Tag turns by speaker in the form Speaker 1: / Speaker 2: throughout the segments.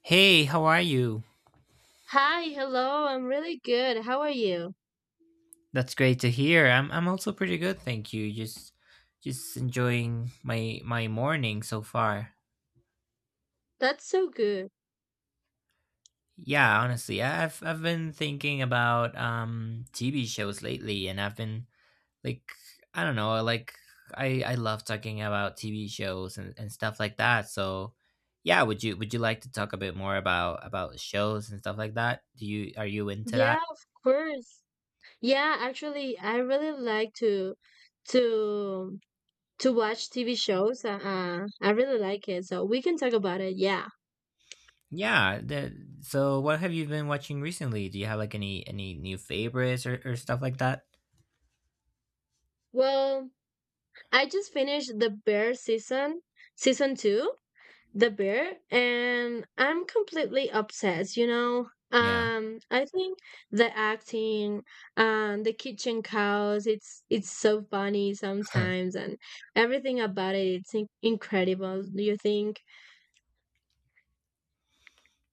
Speaker 1: Hey, how are you?
Speaker 2: Hi, hello. I'm really good. How are you?
Speaker 1: That's great to hear. I'm also pretty good, thank you. Just enjoying my my morning so far.
Speaker 2: That's so good.
Speaker 1: Yeah, honestly, I've been thinking about TV shows lately and I've been like I don't know, like I love talking about TV shows and stuff like that. So, yeah, would you like to talk a bit more about shows and stuff like that? Do you are you into
Speaker 2: Yeah,
Speaker 1: that?
Speaker 2: of course. Yeah, actually, I really like to to watch TV shows. I really like it, so we can talk about it. Yeah.
Speaker 1: Yeah. So, what have you been watching recently? Do you have like any new favorites or stuff like that?
Speaker 2: Well, I just finished season two. The Bear, and I'm completely obsessed, you know.
Speaker 1: Yeah.
Speaker 2: I think the acting, the kitchen cows, it's so funny sometimes, and everything about it, it's incredible. Do you think?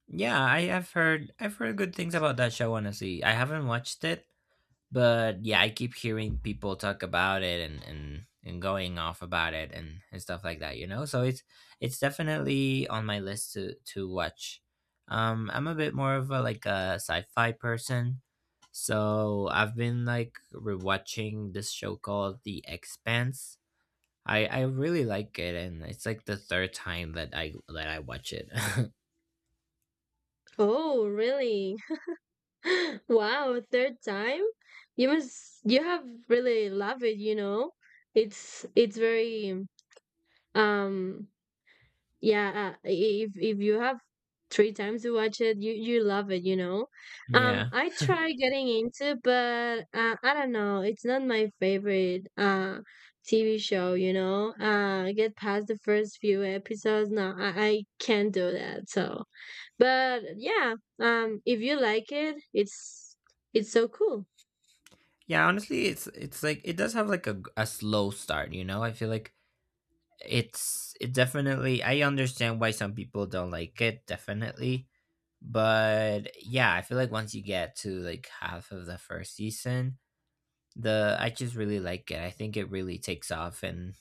Speaker 1: Yeah, I've heard good things about that show. Honestly, I haven't watched it, but yeah, I keep hearing people talk about it and and going off about it and stuff like that, you know. So it's definitely on my list to watch. I'm a bit more of a sci-fi person, so I've been like rewatching this show called The Expanse. I really like it, and it's like the third time that I watch it.
Speaker 2: Oh, really? Wow, third time? You have really loved it, you know. It's very um yeah. If you have three times to watch it, you love it, you know.
Speaker 1: Yeah.
Speaker 2: I try getting into, but I don't know. It's not my favorite TV show, you know. I get past the first few episodes. No, I can't do that. So, but yeah, if you like it, it's so cool.
Speaker 1: Yeah, honestly, it's like, it does have like a slow start, you know. I feel like it's, it definitely, I understand why some people don't like it, definitely. But yeah, I feel like once you get to like half of the first season, the I just really like it. I think it really takes off, and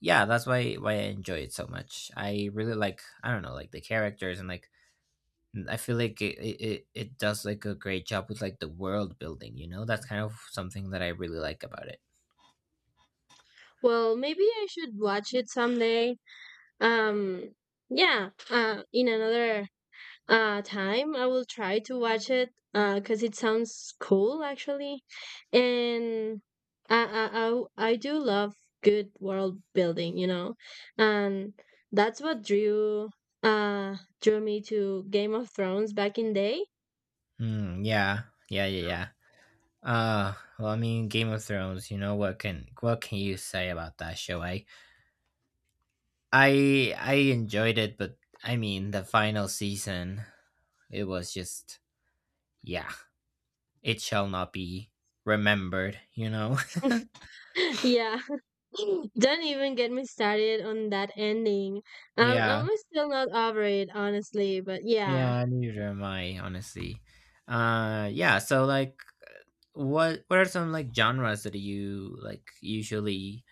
Speaker 1: yeah, that's why I enjoy it so much. I really like, I don't know, like the characters, and I feel like it does like a great job with like the world building, you know. That's kind of something that I really like about it.
Speaker 2: Well, maybe I should watch it someday. Um, yeah, in another time I will try to watch it because it sounds cool, actually, and I I I, I do love good world building, you know, and that's what drew uh drew me to Game of Thrones back in day.
Speaker 1: Hmm. Yeah. Yeah. Yeah. Yeah. Uh, well, I mean, Game of Thrones, you know? What can you say about that show? I enjoyed it, but I mean, the final season, it was just, yeah. It shall not be remembered, you know.
Speaker 2: Yeah. Don't even get me started on that ending.
Speaker 1: Yeah.
Speaker 2: I'm still not over it, honestly, but yeah.
Speaker 1: Yeah. Neither am I, honestly. Uh, yeah. So like, what are some like genres that you like usually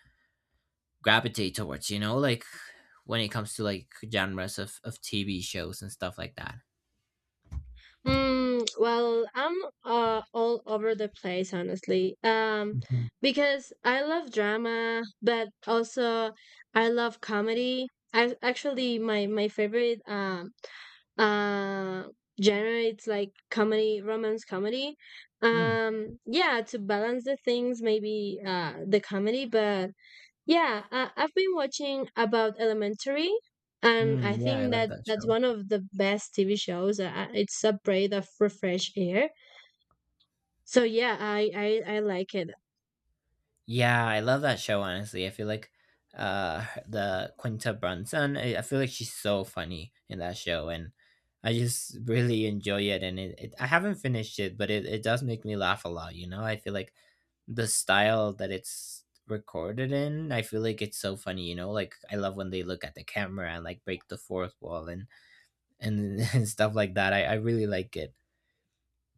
Speaker 1: gravitate towards, you know? Like when it comes to like genres of TV shows and stuff like that.
Speaker 2: Well, I'm all over the place, honestly.
Speaker 1: Mhm.
Speaker 2: Because I love drama, but also I love comedy. I actually my my favorite uh genre, it's like comedy, romance comedy.
Speaker 1: Mm.
Speaker 2: Yeah, to balance the things, maybe the comedy, but yeah, I've been watching about Elementary, and I
Speaker 1: Mm, yeah, I
Speaker 2: think
Speaker 1: love
Speaker 2: that
Speaker 1: that
Speaker 2: that's
Speaker 1: show.
Speaker 2: one of the best TV shows. It's a breath of fresh air. So yeah, I like it.
Speaker 1: Yeah, I love that show. Honestly, I feel like the Quinta Brunson, I feel like she's so funny in that show, and I just really enjoy it. And it, it I haven't finished it, but it does make me laugh a lot. You know, I feel like the style that it's recorded in, I feel like it's so funny. You know, like I love when they look at the camera and like break the fourth wall and and stuff like that. I really like it.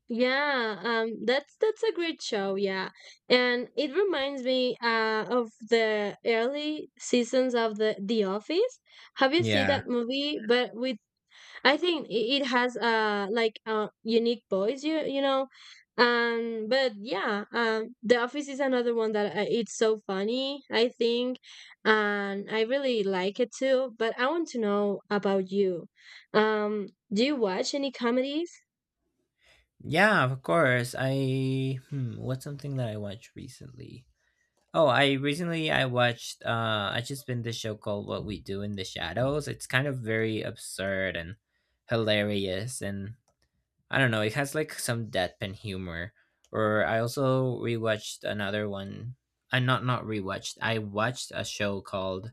Speaker 2: Yeah, that's a great show. Yeah, and it reminds me, of the early seasons of The Office. Have you seen
Speaker 1: Yeah.
Speaker 2: that movie? But with I think it has a like a unique voice, you know, But yeah, The Office is another one that, it's so funny, I think, and I really like it too. But I want to know about you. Do you watch any comedies?
Speaker 1: Yeah, of course. I, hmm, what's something that I watched recently? Oh, I watched, I just been this show called What We Do in the Shadows. It's kind of very absurd and hilarious, and I don't know, it has like some deadpan humor. Or I also rewatched another one. I not not rewatched. I watched a show called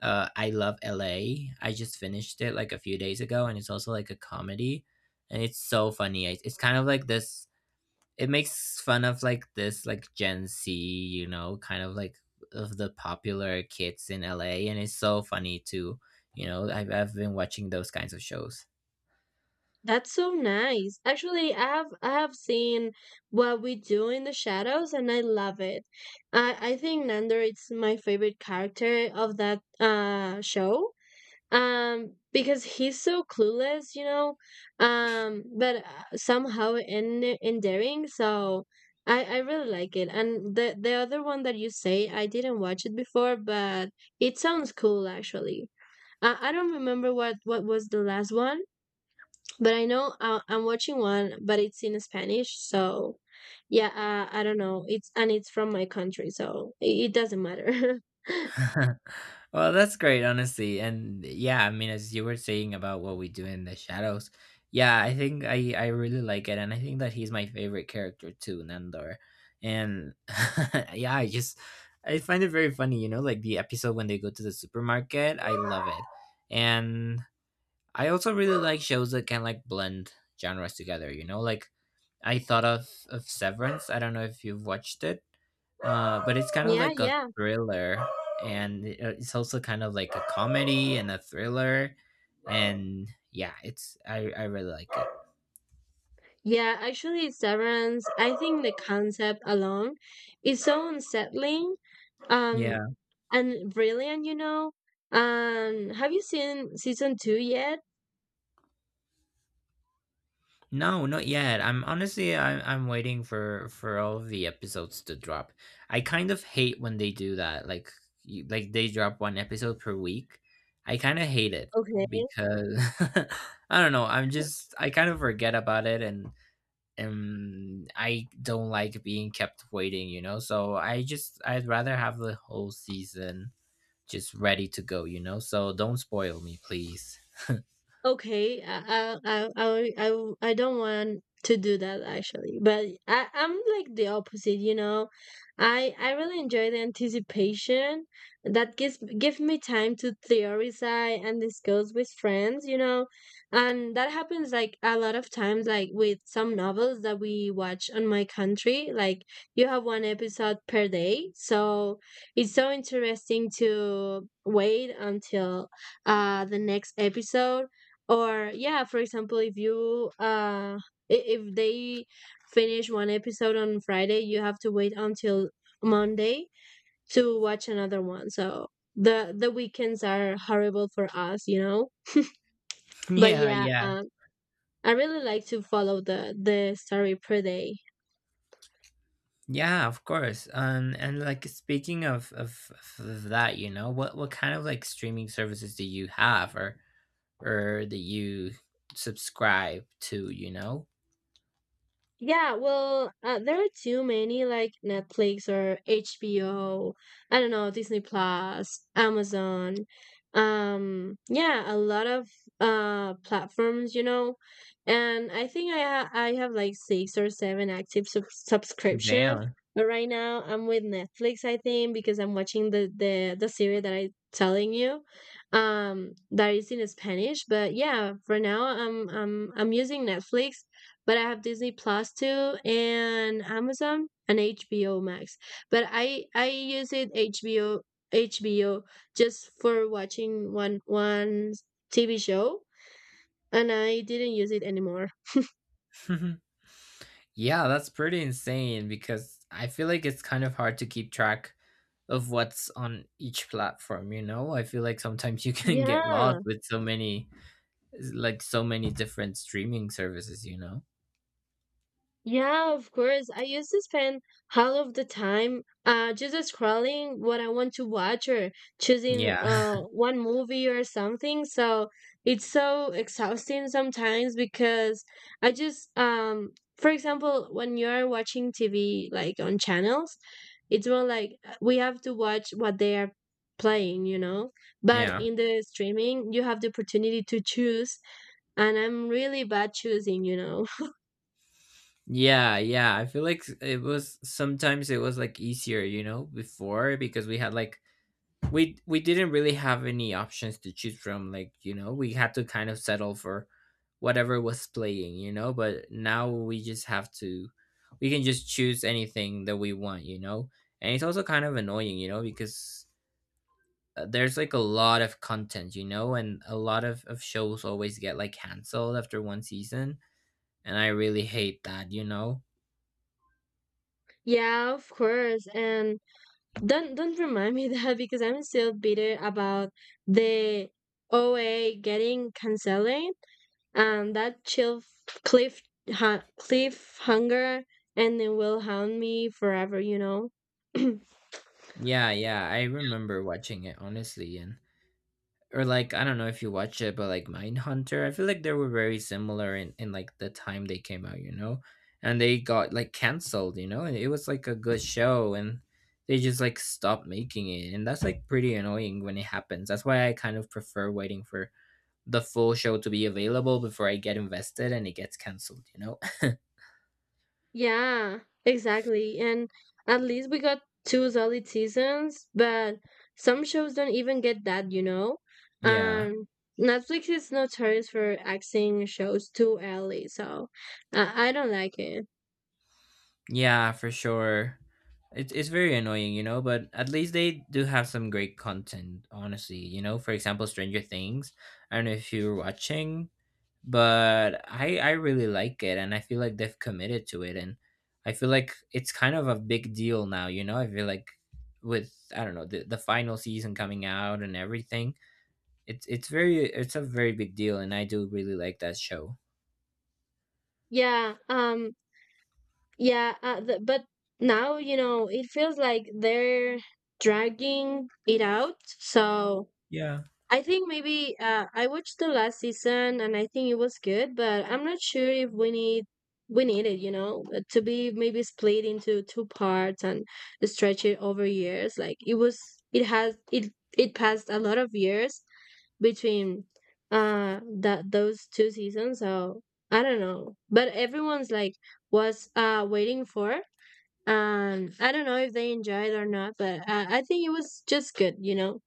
Speaker 1: I Love LA. I just finished it like a few days ago, and it's also like a comedy, and it's so funny. It's kind of like this, it makes fun of like this like Gen Z, you know, kind of like of the popular kids in LA, and it's so funny too. You know, I've been watching those kinds of shows.
Speaker 2: That's so nice. Actually, I have seen What We Do in the Shadows, and I love it. I think Nando, it's my favorite character of that show because he's so clueless, you know, but somehow in endearing, so I really like it. And the other one that you say, I didn't watch it before, but it sounds cool, actually. I don't remember what was the last one, but I know, I'm watching one, but it's in Spanish, so yeah. I don't know, it's and it's from my country, so it doesn't matter.
Speaker 1: Well, that's great, honestly. And yeah, I mean, as you were saying about What We Do in the Shadows, yeah, I think I really like it, and I think that he's my favorite character too, Nandor. And yeah, I just, I find it very funny, you know, like the episode when they go to the supermarket, I love it. And I also really like shows that can like blend genres together, you know? Like I thought of Severance. I don't know if you've watched it. Uh, but it's kind of
Speaker 2: Yeah,
Speaker 1: like a
Speaker 2: yeah.
Speaker 1: thriller, and it's also kind of like a comedy and a thriller, and yeah, it's, I really like it.
Speaker 2: Yeah, actually, Severance, I think the concept alone is so unsettling,
Speaker 1: Yeah.
Speaker 2: um, and brilliant, you know. Have you seen season two yet?
Speaker 1: No, not yet. I'm honestly, I'm waiting for all of the episodes to drop. I kind of hate when they do that. Like you, like they drop one episode per week. I kind of hate it,
Speaker 2: Okay.
Speaker 1: because I don't know, I'm just, I kind of forget about it, and I don't like being kept waiting, you know? So I just, I'd rather have the whole season just ready to go, you know? So don't spoil me, please.
Speaker 2: Okay, I don't want to do that, actually, but I I'm like the opposite, you know. I really enjoy the anticipation that give me time to theorize and discuss with friends, you know, and that happens like a lot of times, like with some novels that we watch on my country. Like you have one episode per day, so it's so interesting to wait until the next episode. Or yeah, for example, if you if they finish one episode on Friday, you have to wait until Monday to watch another one, so the weekends are horrible for us, you know. But
Speaker 1: Yeah,
Speaker 2: yeah,
Speaker 1: yeah.
Speaker 2: I really like to follow the story per day.
Speaker 1: Yeah, of course. And like speaking of that, you know, what kind of like streaming services do you have, or that you subscribe to, you know?
Speaker 2: Yeah, well, there are too many like Netflix or HBO, I don't know, Disney Plus, Amazon. Yeah, a lot of platforms, you know. And I think I have like six or seven active subscription.
Speaker 1: Damn.
Speaker 2: But right now I'm with Netflix, I think, because I'm watching the the series that I telling you that is in Spanish. But yeah, for now I'm using Netflix, but I have Disney Plus too, and Amazon and HBO Max. But I use it HBO HBO just for watching one TV show, and I didn't use it anymore.
Speaker 1: Yeah, that's pretty insane, because I feel like it's kind of hard to keep track of what's on each platform, you know? I feel like sometimes you can get lost
Speaker 2: Yeah.
Speaker 1: with so many like so many different streaming services, you know?
Speaker 2: Yeah, of course. I used to spend half of the time just scrolling what I want to watch or choosing
Speaker 1: Yeah.
Speaker 2: one movie or something. So it's so exhausting sometimes, because I just for example, when you're watching TV like on channels, it's more like, we have to watch what they are playing, you know? But
Speaker 1: Yeah.
Speaker 2: in the streaming, you have the opportunity to choose, and I'm really bad choosing, you know.
Speaker 1: Yeah, yeah. I feel like it was, sometimes it was like easier, you know, before, because we had like, we didn't really have any options to choose from. Like, you know, we had to kind of settle for whatever was playing, you know, but now we just have to, we can just choose anything that we want, you know. And it's also kind of annoying, you know, because there's like a lot of content, you know, and a lot of shows always get like canceled after one season, and I really hate that, you know.
Speaker 2: Yeah, of course. And don't remind me that, because I'm still bitter about the OA getting cancelled and that chill cliff ha cliffhanger, and it will haunt me forever, you know.
Speaker 1: Yeah, yeah, I remember watching it, honestly, and or like, I don't know if you watch it, but like Mindhunter, I feel like they were very similar in like the time they came out, you know, and they got like canceled, you know, and it was like a good show, and they just like stopped making it, and that's like pretty annoying when it happens. That's why I kind of prefer waiting for the full show to be available before I get invested and it gets canceled, you know.
Speaker 2: Yeah, exactly. And at least we got two solid seasons, but some shows don't even get that, you know?
Speaker 1: Yeah.
Speaker 2: Um, Netflix is notorious for axing shows too early, so I don't like it.
Speaker 1: Yeah, for sure. It's very annoying, you know, but at least they do have some great content, honestly. You know, for example, Stranger Things. I don't know if you're watching, but I really like it, and I feel like they've committed to it, and I feel like it's kind of a big deal now, you know? I feel like with, I don't know, the final season coming out and everything. It's a very big deal, and I do really like that show.
Speaker 2: Yeah, yeah, th but now, you know, it feels like they're dragging it out, so.
Speaker 1: Yeah.
Speaker 2: I think maybe, I watched the last season and I think it was good, but I'm not sure if we need it, you know, to be maybe split into two parts and stretch it over years. Like it was, it has it it passed a lot of years between that those two seasons. So I don't know, but everyone's like was waiting for, and I don't know if they enjoyed or not, but I think it was just good, you know.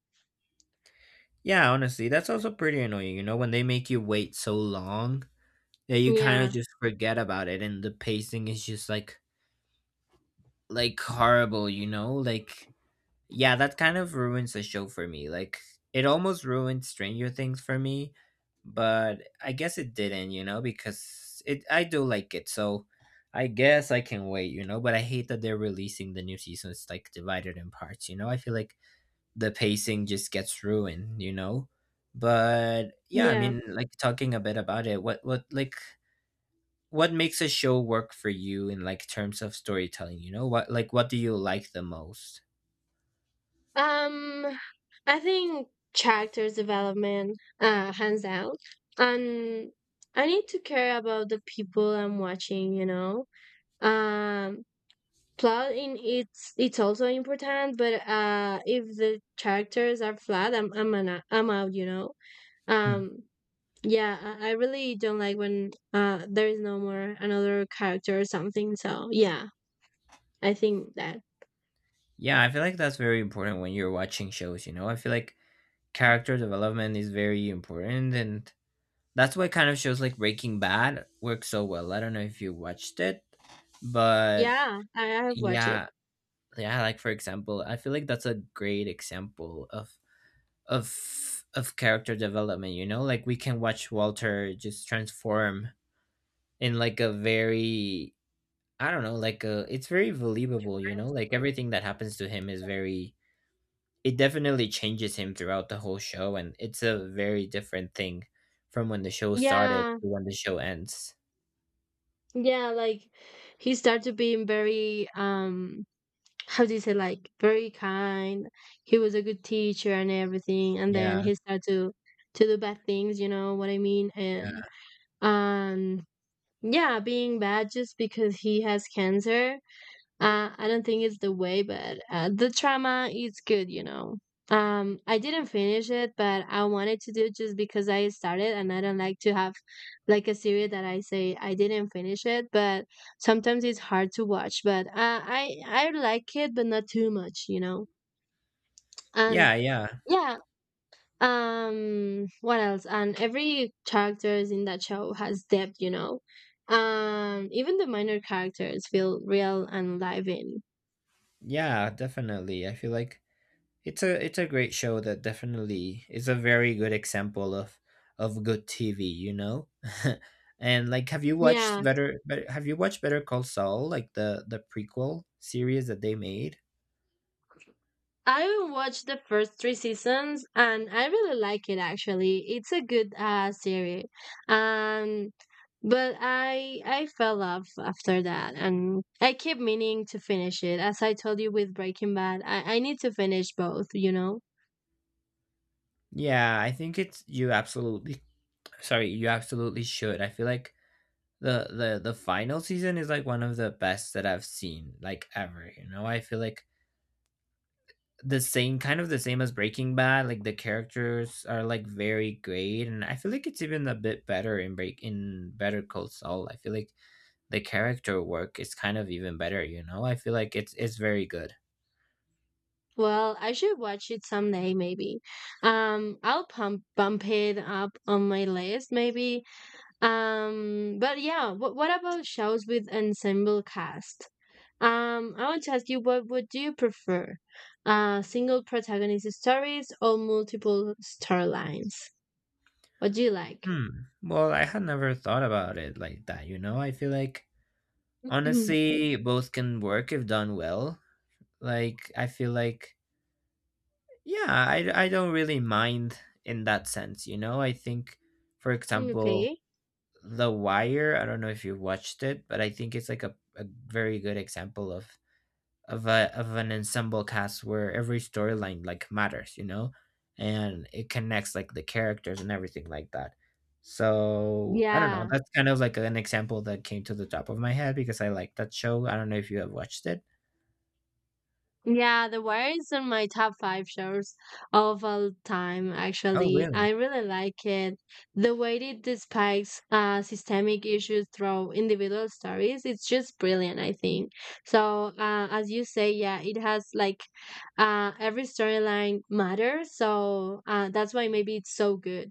Speaker 1: Yeah, honestly, that's also pretty annoying, you know, when they make you wait so long. Yeah, you kind of
Speaker 2: Yeah,
Speaker 1: just forget about it, and the pacing is just like horrible, you know? Like, yeah, that kind of ruins the show for me. Like, it almost ruined Stranger Things for me, but I guess it didn't, you know, because it, I do like it, so I guess I can wait, you know. But I hate that they're releasing the new season. It's like divided in parts, you know. I feel like the pacing just gets ruined, you know. But yeah, I
Speaker 2: yeah.
Speaker 1: mean, like talking a bit about it, what makes a show work for you in like terms of storytelling, you know? What like what do you like the most?
Speaker 2: Um, I think character development, hands down. And I need to care about the people I'm watching, you know. Um, plot in it's also important, but if the characters are flat, I'm out, you know.
Speaker 1: Hmm.
Speaker 2: Um, yeah, I really don't like when there is no more another character or something. So yeah, I think that.
Speaker 1: Yeah, I feel like that's very important when you're watching shows, you know. I feel like character development is very important, and that's why kind of shows like Breaking Bad work so well. I don't know if you watched it, but
Speaker 2: Yeah, I have watched it.
Speaker 1: yeah. Yeah, like for example, I feel like that's a great example of of character development, you know. Like we can watch Walter just transform in like a very, I don't know, like, it's very believable, you know? Like everything that happens to him is very, it definitely changes him throughout the whole show. And it's a very different thing from when the show started
Speaker 2: Yeah,
Speaker 1: to when the show ends.
Speaker 2: Yeah, like he started being very how do you say, like very kind. He was a good teacher and everything, and then
Speaker 1: Yeah.
Speaker 2: he started to do bad things, you know what I mean? And
Speaker 1: Yeah.
Speaker 2: um yeah, being bad just because he has cancer, I don't think it's the way, but the drama is good, you know. I didn't finish it, but I wanted to do, just because I started, and I don't like to have like a series that I say I didn't finish it. But sometimes it's hard to watch. But I like it, but not too much, you know.
Speaker 1: Yeah.
Speaker 2: And
Speaker 1: Yeah.
Speaker 2: yeah, what else? And every characters in that show has depth, you know. Even the minor characters feel real and live in.
Speaker 1: Yeah. Definitely. I feel like it's a it's a great show that definitely is a very good example of good TV, you know. And like, have you watched
Speaker 2: Yeah,
Speaker 1: better, better? Have you watched Better Call Saul, like the prequel series that they made?
Speaker 2: I watched the first three seasons and I really like it, actually. It's a good series. Um but I fell off after that, and I keep meaning to finish it. As I told you with Breaking Bad, I need to finish both, you know?
Speaker 1: Yeah, I think it's, you absolutely, sorry, you absolutely should. I feel like the final season is like one of the best that I've seen like ever. You know, I feel like the same kind of the same as Breaking Bad. Like the characters are like very great, and I feel like it's even a bit better in Break in Better Call Saul. I feel like the character work is kind of even better. You know, I feel like it's very good.
Speaker 2: Well, I should watch it someday, maybe. I'll pump bump it up on my list, maybe. But yeah, what about shows with ensemble cast? I want to ask you, what would you prefer? Single protagonist stories or multiple storylines? What do you like?
Speaker 1: Hmm. Well, I had never thought about it like that. You know, I feel like honestly both can work if done well. Like I feel like yeah, I don't really mind in that sense, you know? I think, for example,
Speaker 2: Okay.
Speaker 1: The Wire, I don't know if you watched it, but I think it's like a very good example of a of an ensemble cast where every storyline like matters, you know? And it connects like the characters and everything like that. So I don't know.
Speaker 2: Yeah.
Speaker 1: That's kind of like an example that came to the top of my head because I like that show. I don't know if you have watched it.
Speaker 2: Yeah, The Wire is on my top five shows of all time,
Speaker 1: Oh,
Speaker 2: actually.
Speaker 1: really?
Speaker 2: I really like it. The way it despises, systemic issues through individual stories, it's just brilliant, I think. So, as you say, yeah, it has like, every storyline matters. So, that's why maybe it's so good.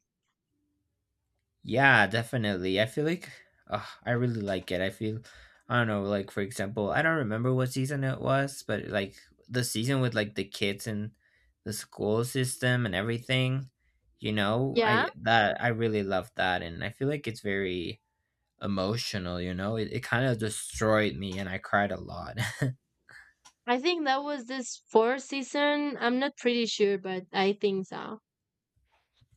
Speaker 1: Yeah, definitely. I feel like I really like it. I feel, I don't know, like for example, I don't remember what season it was, but like the season with like the kids and the school system and everything, you know,
Speaker 2: Yeah,
Speaker 1: I really love that, and I feel like it's very emotional. You know, it kind of destroyed me, and I cried a lot.
Speaker 2: I think that was this fourth season. I'm not pretty sure, but I think so.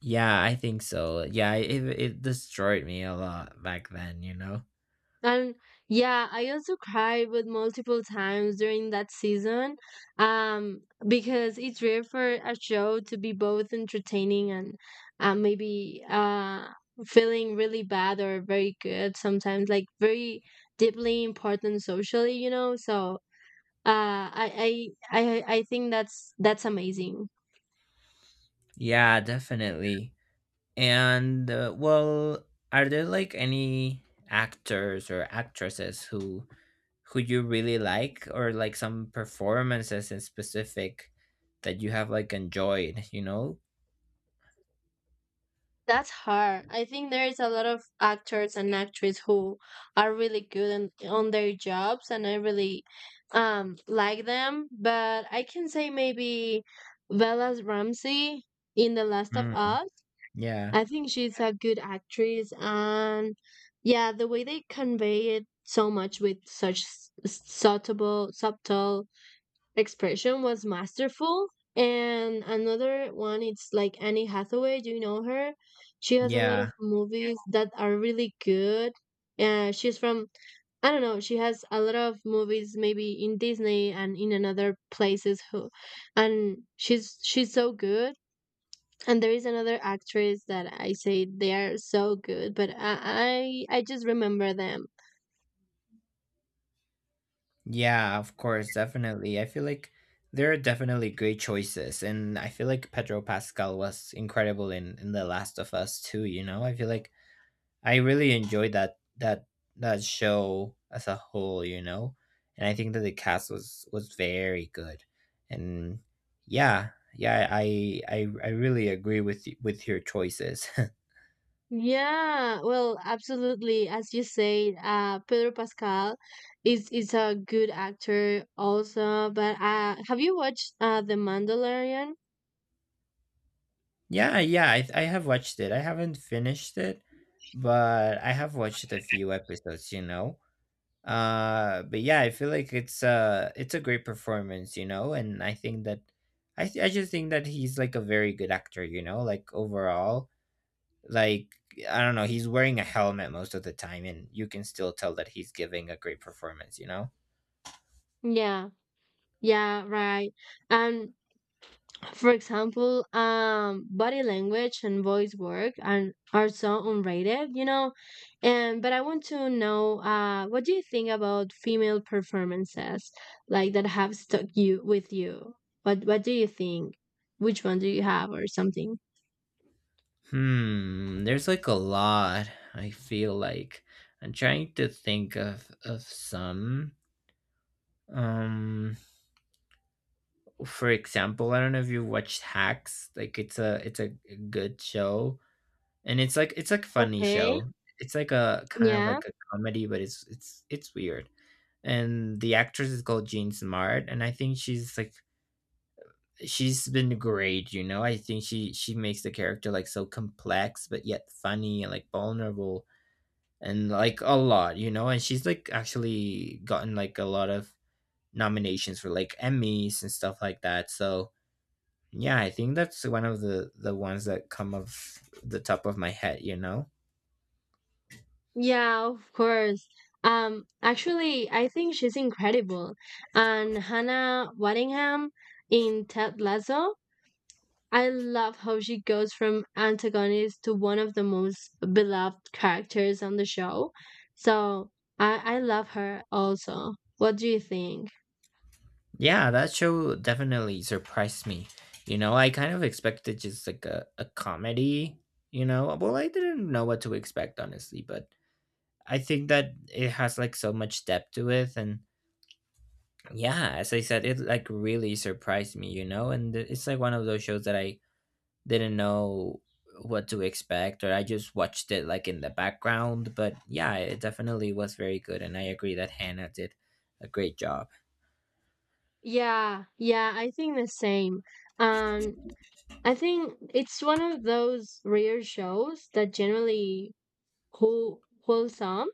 Speaker 1: Yeah, I think so. Yeah, it destroyed me a lot back then, you know?
Speaker 2: And yeah, I also cried with multiple times during that season, um, because it's rare for a show to be both entertaining and, maybe, feeling really bad or very good sometimes, like very deeply important socially, you know. So I think that's amazing.
Speaker 1: Yeah, definitely. And well, are there like any actors or actresses who you really like or like some performances in specific that you have like enjoyed, you know?
Speaker 2: That's hard. I think there is a lot of actors and actresses who are really good in, on their jobs, and I really like them. But I can say maybe Bella Ramsey in The Last of
Speaker 1: Mm,
Speaker 2: Us.
Speaker 1: yeah.
Speaker 2: I think she's a good actress, and yeah, the way they convey it so much with such subtle, expression was masterful. And another one, it's like Annie Hathaway. Do you know her? She has a lot
Speaker 1: Yeah.
Speaker 2: of movies that are really good. She's from I don't know. She has a lot of movies, maybe in Disney and in another places. And she's so good. And there is another actress that I say they are so good, but I just remember them.
Speaker 1: Yeah, of course, definitely. I feel like there are definitely great choices and I feel like Pedro Pascal was incredible in The Last of Us too, you know? I feel like I really enjoyed that that show as a whole, you know, and I think that the cast was very good, and yeah, yeah, I really agree with with your choices.
Speaker 2: Yeah, well, absolutely. As you said, Pedro Pascal is a good actor also. But have you watched The Mandalorian?
Speaker 1: Yeah, yeah, I have watched it. I haven't finished it, but I have watched a few episodes, you know. But yeah, I feel like it's it's a great performance, you know, and I think that I just think that he's like a very good actor, you know, like overall, like I don't know, he's wearing a helmet most of the time, and you can still tell that he's giving a great performance, you know.
Speaker 2: Yeah, yeah, right. And for example, body language and voice work are so unrated, you know. And but I want to know, what do you think about female performances like that have stuck you with you? What do you think? Which one do you have or something?
Speaker 1: Hmm, there's like a lot. I feel like I'm trying to think of some. um for example, I don't know if you watched Hacks. Like it's a good show and it's like a funny
Speaker 2: Okay.
Speaker 1: show. It's like a kind of
Speaker 2: Yeah,
Speaker 1: like a comedy, but it's weird, and the actress is called Jean Smart, and I think she's like she's been great, you know. I think she makes the character like so complex but yet funny and like vulnerable and like a lot, you know. And she's like actually gotten like a lot of nominations for like Emmys and stuff like that. So yeah, I think that's one of the ones that come of the top of my head, you know.
Speaker 2: yeah, of course. Actually, I think she's incredible. And Hannah Waddingham in Ted Lasso. I love how she goes from antagonist to one of the most beloved characters on the show. So I love her also. What do you think?
Speaker 1: Yeah, that show definitely surprised me. You know, I kind of expected just like a comedy, you know. Well, I didn't know what to expect honestly, but I think that it has like so much depth to it. And yeah, as I said, it like really surprised me, you know. And it's like one of those shows that I didn't know what to expect, or I just watched it like in the background. But yeah, it definitely was very good. And I agree that Hannah did a great job.
Speaker 2: Yeah, yeah, I think the same. Um, I think it's one of those rare shows that generally wholesome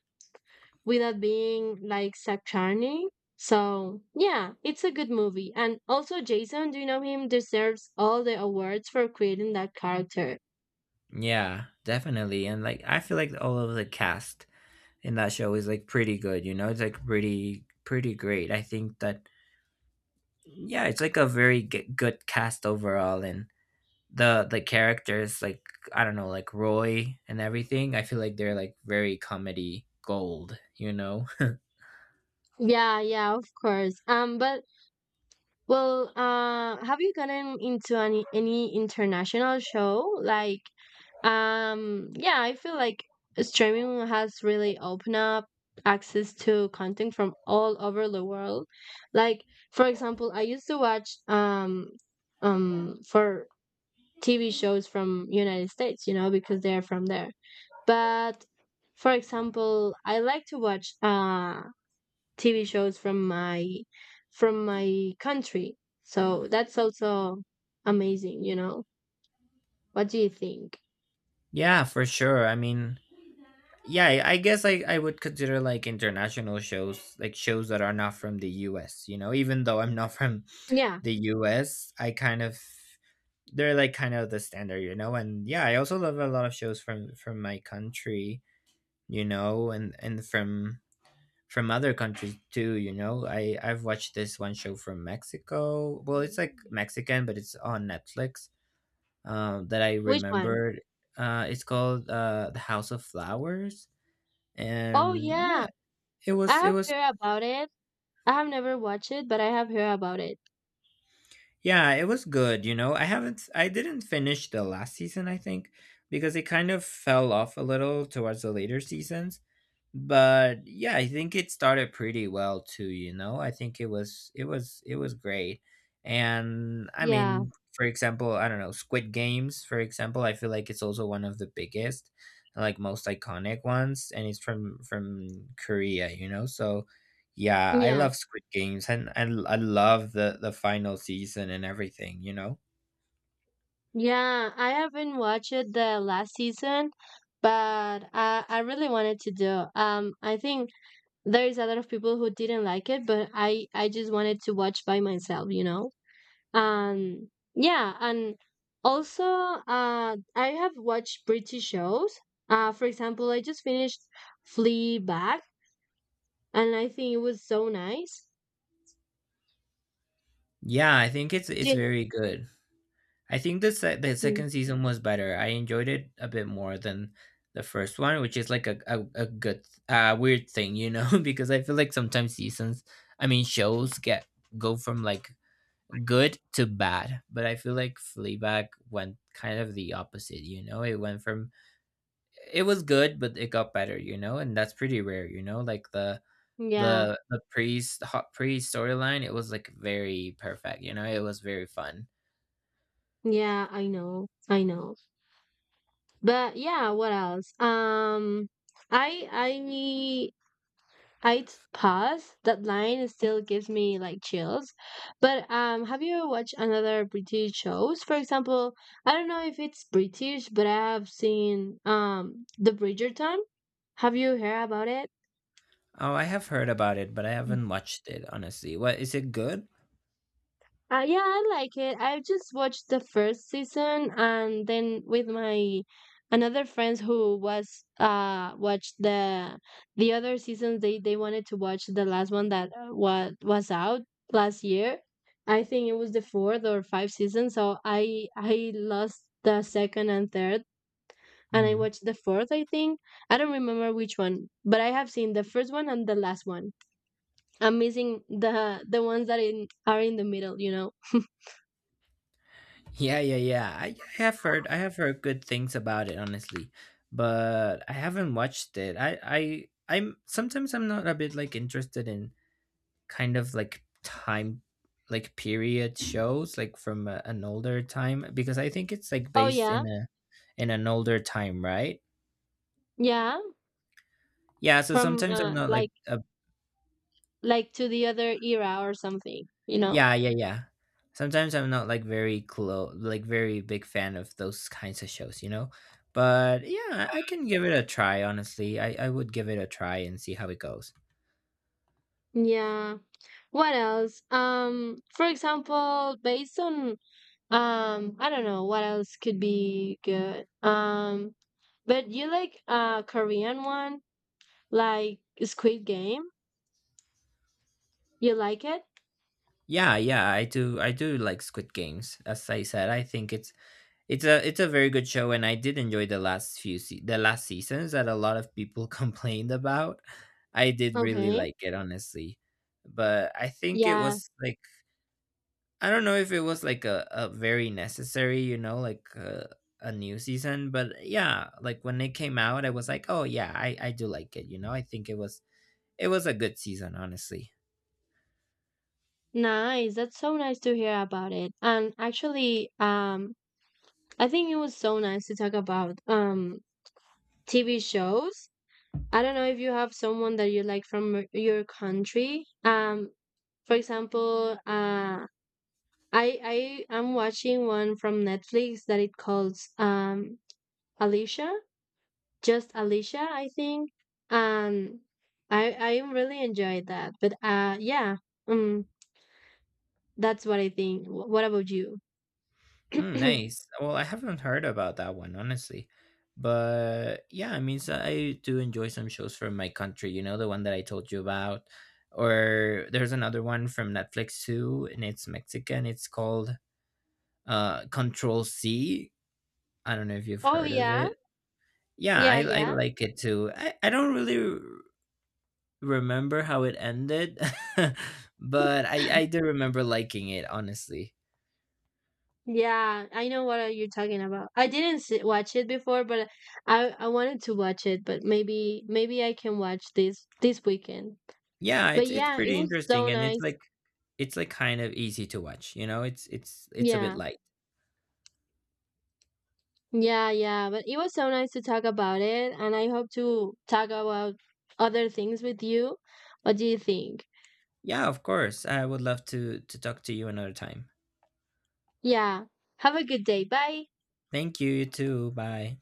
Speaker 2: without being like saturnine. So yeah, it's a good movie. And also Jason, do you know him, deserves all the awards for creating that character.
Speaker 1: Yeah, definitely. And like, I feel like all of the cast in that show is like pretty good, you know? It's like pretty great. I think that, yeah, it's like a very good cast overall. And the characters like I don't know like Roy and everything. I feel like they're like very comedy gold, you know.
Speaker 2: Yeah, yeah, of course. Have you gotten into any international show? Yeah, I feel like streaming has really opened up access to content from all over the world. Like, for example, I used to watch for TV shows from United States, you know, because they're from there. But for example, I like to watch TV shows from my country. So that's also amazing, you know. What do you think?
Speaker 1: Yeah, for sure. I mean, yeah, I guess I would consider like international shows, like shows that are not from the US, you know, even though I'm not from
Speaker 2: Yeah,
Speaker 1: the US I kind of they're like kind of the standard, you know. And yeah, I also love a lot of shows from my country, you know, and from from other countries too, you know. I I've watched this one show from Mexico. Well, it's like Mexican, but it's on Netflix. That I
Speaker 2: which one?
Speaker 1: remembered. It's called The House of Flowers,
Speaker 2: Oh
Speaker 1: and yeah,
Speaker 2: yeah,
Speaker 1: it
Speaker 2: I
Speaker 1: was it
Speaker 2: have
Speaker 1: was
Speaker 2: heard about it. I have never watched it, but I have heard about it.
Speaker 1: yeah, it was good. You know, I didn't finish the last season, I think, because it kind of fell off a little towards the later seasons. But yeah, I think it started pretty well too, you know. I think it was it was great. And I
Speaker 2: Yeah.
Speaker 1: mean, for example, I don't know, Squid Games, for example, I feel like it's also one of the biggest, like most iconic ones, and it's from Korea, you know. So yeah, I
Speaker 2: Yeah.
Speaker 1: love Squid Games, and I love the final season and everything, you know.
Speaker 2: Yeah, I haven't watched it the last season, but I really wanted to do. I think there is a lot of people who didn't like it, but I just wanted to watch by myself, you know. um yeah, and also I have watched British shows. For example, I just finished Fleabag, and I think it was so nice.
Speaker 1: Yeah, I think it's
Speaker 2: Jin-
Speaker 1: very good. I think the the
Speaker 2: Mm,
Speaker 1: second season was better. I enjoyed it a bit more than the first one, which is like a good weird thing, you know, because I feel like sometimes seasons, I mean shows get go from like good to bad, but I feel like Fleabag went kind of the opposite, you know. It went from it was good, but it got better, you know, and that's pretty rare, you know, like
Speaker 2: yeah
Speaker 1: the priest the hot priest storyline. It was like very perfect, you know. It was very fun.
Speaker 2: yeah I know, I know, but yeah, what else? I i I'd pass. That line still gives me like chills. But have you watched another British shows? For example, I don't know if it's British, but I have seen the Bridgerton. Have you heard about it?
Speaker 1: Oh, I have heard about it, but I haven't watched it, honestly. What, is it good?
Speaker 2: Yeah, I like it. I just watched the first season, and then with my another friends who was watched the other seasons, they wanted to watch the last one that was out last year. I think it was the fourth or five season, so I lost the second and third, and I
Speaker 1: Mm.
Speaker 2: watched the fourth, I think. I don't remember which one, but I have seen the first one and the last one. I'm missing the ones that in are in the middle, you know.
Speaker 1: Yeah, yeah, yeah. I have heard, good things about it, honestly, but I haven't watched it. I I'm Sometimes I'm not a bit like interested in kind of like time like period shows like from an older time, because I think it's like
Speaker 2: Oh
Speaker 1: based
Speaker 2: yeah,
Speaker 1: in a in an older time, right?
Speaker 2: yeah,
Speaker 1: Yeah, so
Speaker 2: from
Speaker 1: sometimes I'm not like a
Speaker 2: like to the other era or something, you know.
Speaker 1: yeah, yeah, yeah. Sometimes I'm not like very close, like very big fan of those kinds of shows, you know? But yeah, I can give it a try, honestly. I would give it a try and see how it goes.
Speaker 2: Yeah. What else? For example, based on I don't know what else could be good. But you like Korean one like Squid Game? You like it?
Speaker 1: Yeah, yeah, I do like Squid Games. As I said, I think it's a very good show, and I did enjoy the last few the last seasons that a lot of people complained about. I did really
Speaker 2: Okay.
Speaker 1: like it, honestly. But I think it
Speaker 2: Yeah.
Speaker 1: was like I don't know if it was like a very necessary, you know, like a new season. But yeah, like when it came out, I was like, oh yeah, I do like it, you know. I think it was a good season, honestly.
Speaker 2: Nice. That's so nice to hear about it. And actually, I think it was so nice to talk about TV shows. I don't know if you have someone that you like from your country. For example, I am watching one from Netflix that it calls Alicia, just Alicia, I think. Um, I really enjoyed that. But yeah, um, that's what I think. What about you?
Speaker 1: Mm, nice. Well, I haven't heard about that one, honestly, but yeah, I mean, so I do enjoy some shows from my country, you know, the one that I told you about, or there's another one from Netflix too, and it's Mexican. It's called Control C. I don't know if you've
Speaker 2: Oh
Speaker 1: heard of
Speaker 2: yeah,
Speaker 1: it. Yeah,
Speaker 2: yeah,
Speaker 1: I
Speaker 2: yeah.
Speaker 1: like it too. I don't really remember how it ended, but I do remember liking it, honestly.
Speaker 2: Yeah, I know what you're talking about. I didn't see, watch it before, but I wanted to watch it, but maybe I can watch this weekend.
Speaker 1: Yeah,
Speaker 2: But
Speaker 1: it's
Speaker 2: yeah, it
Speaker 1: pretty
Speaker 2: was so
Speaker 1: interesting, and
Speaker 2: nice.
Speaker 1: it's like kind of easy to watch, you know? It's it's a bit
Speaker 2: Yeah.
Speaker 1: light.
Speaker 2: Yeah, yeah, but it was so nice to talk about it, and I hope to talk about other things with you. What do you think?
Speaker 1: Yeah, of course. I would love to talk to you another time.
Speaker 2: Yeah. Have a good day. Bye.
Speaker 1: Thank you, you too. Bye.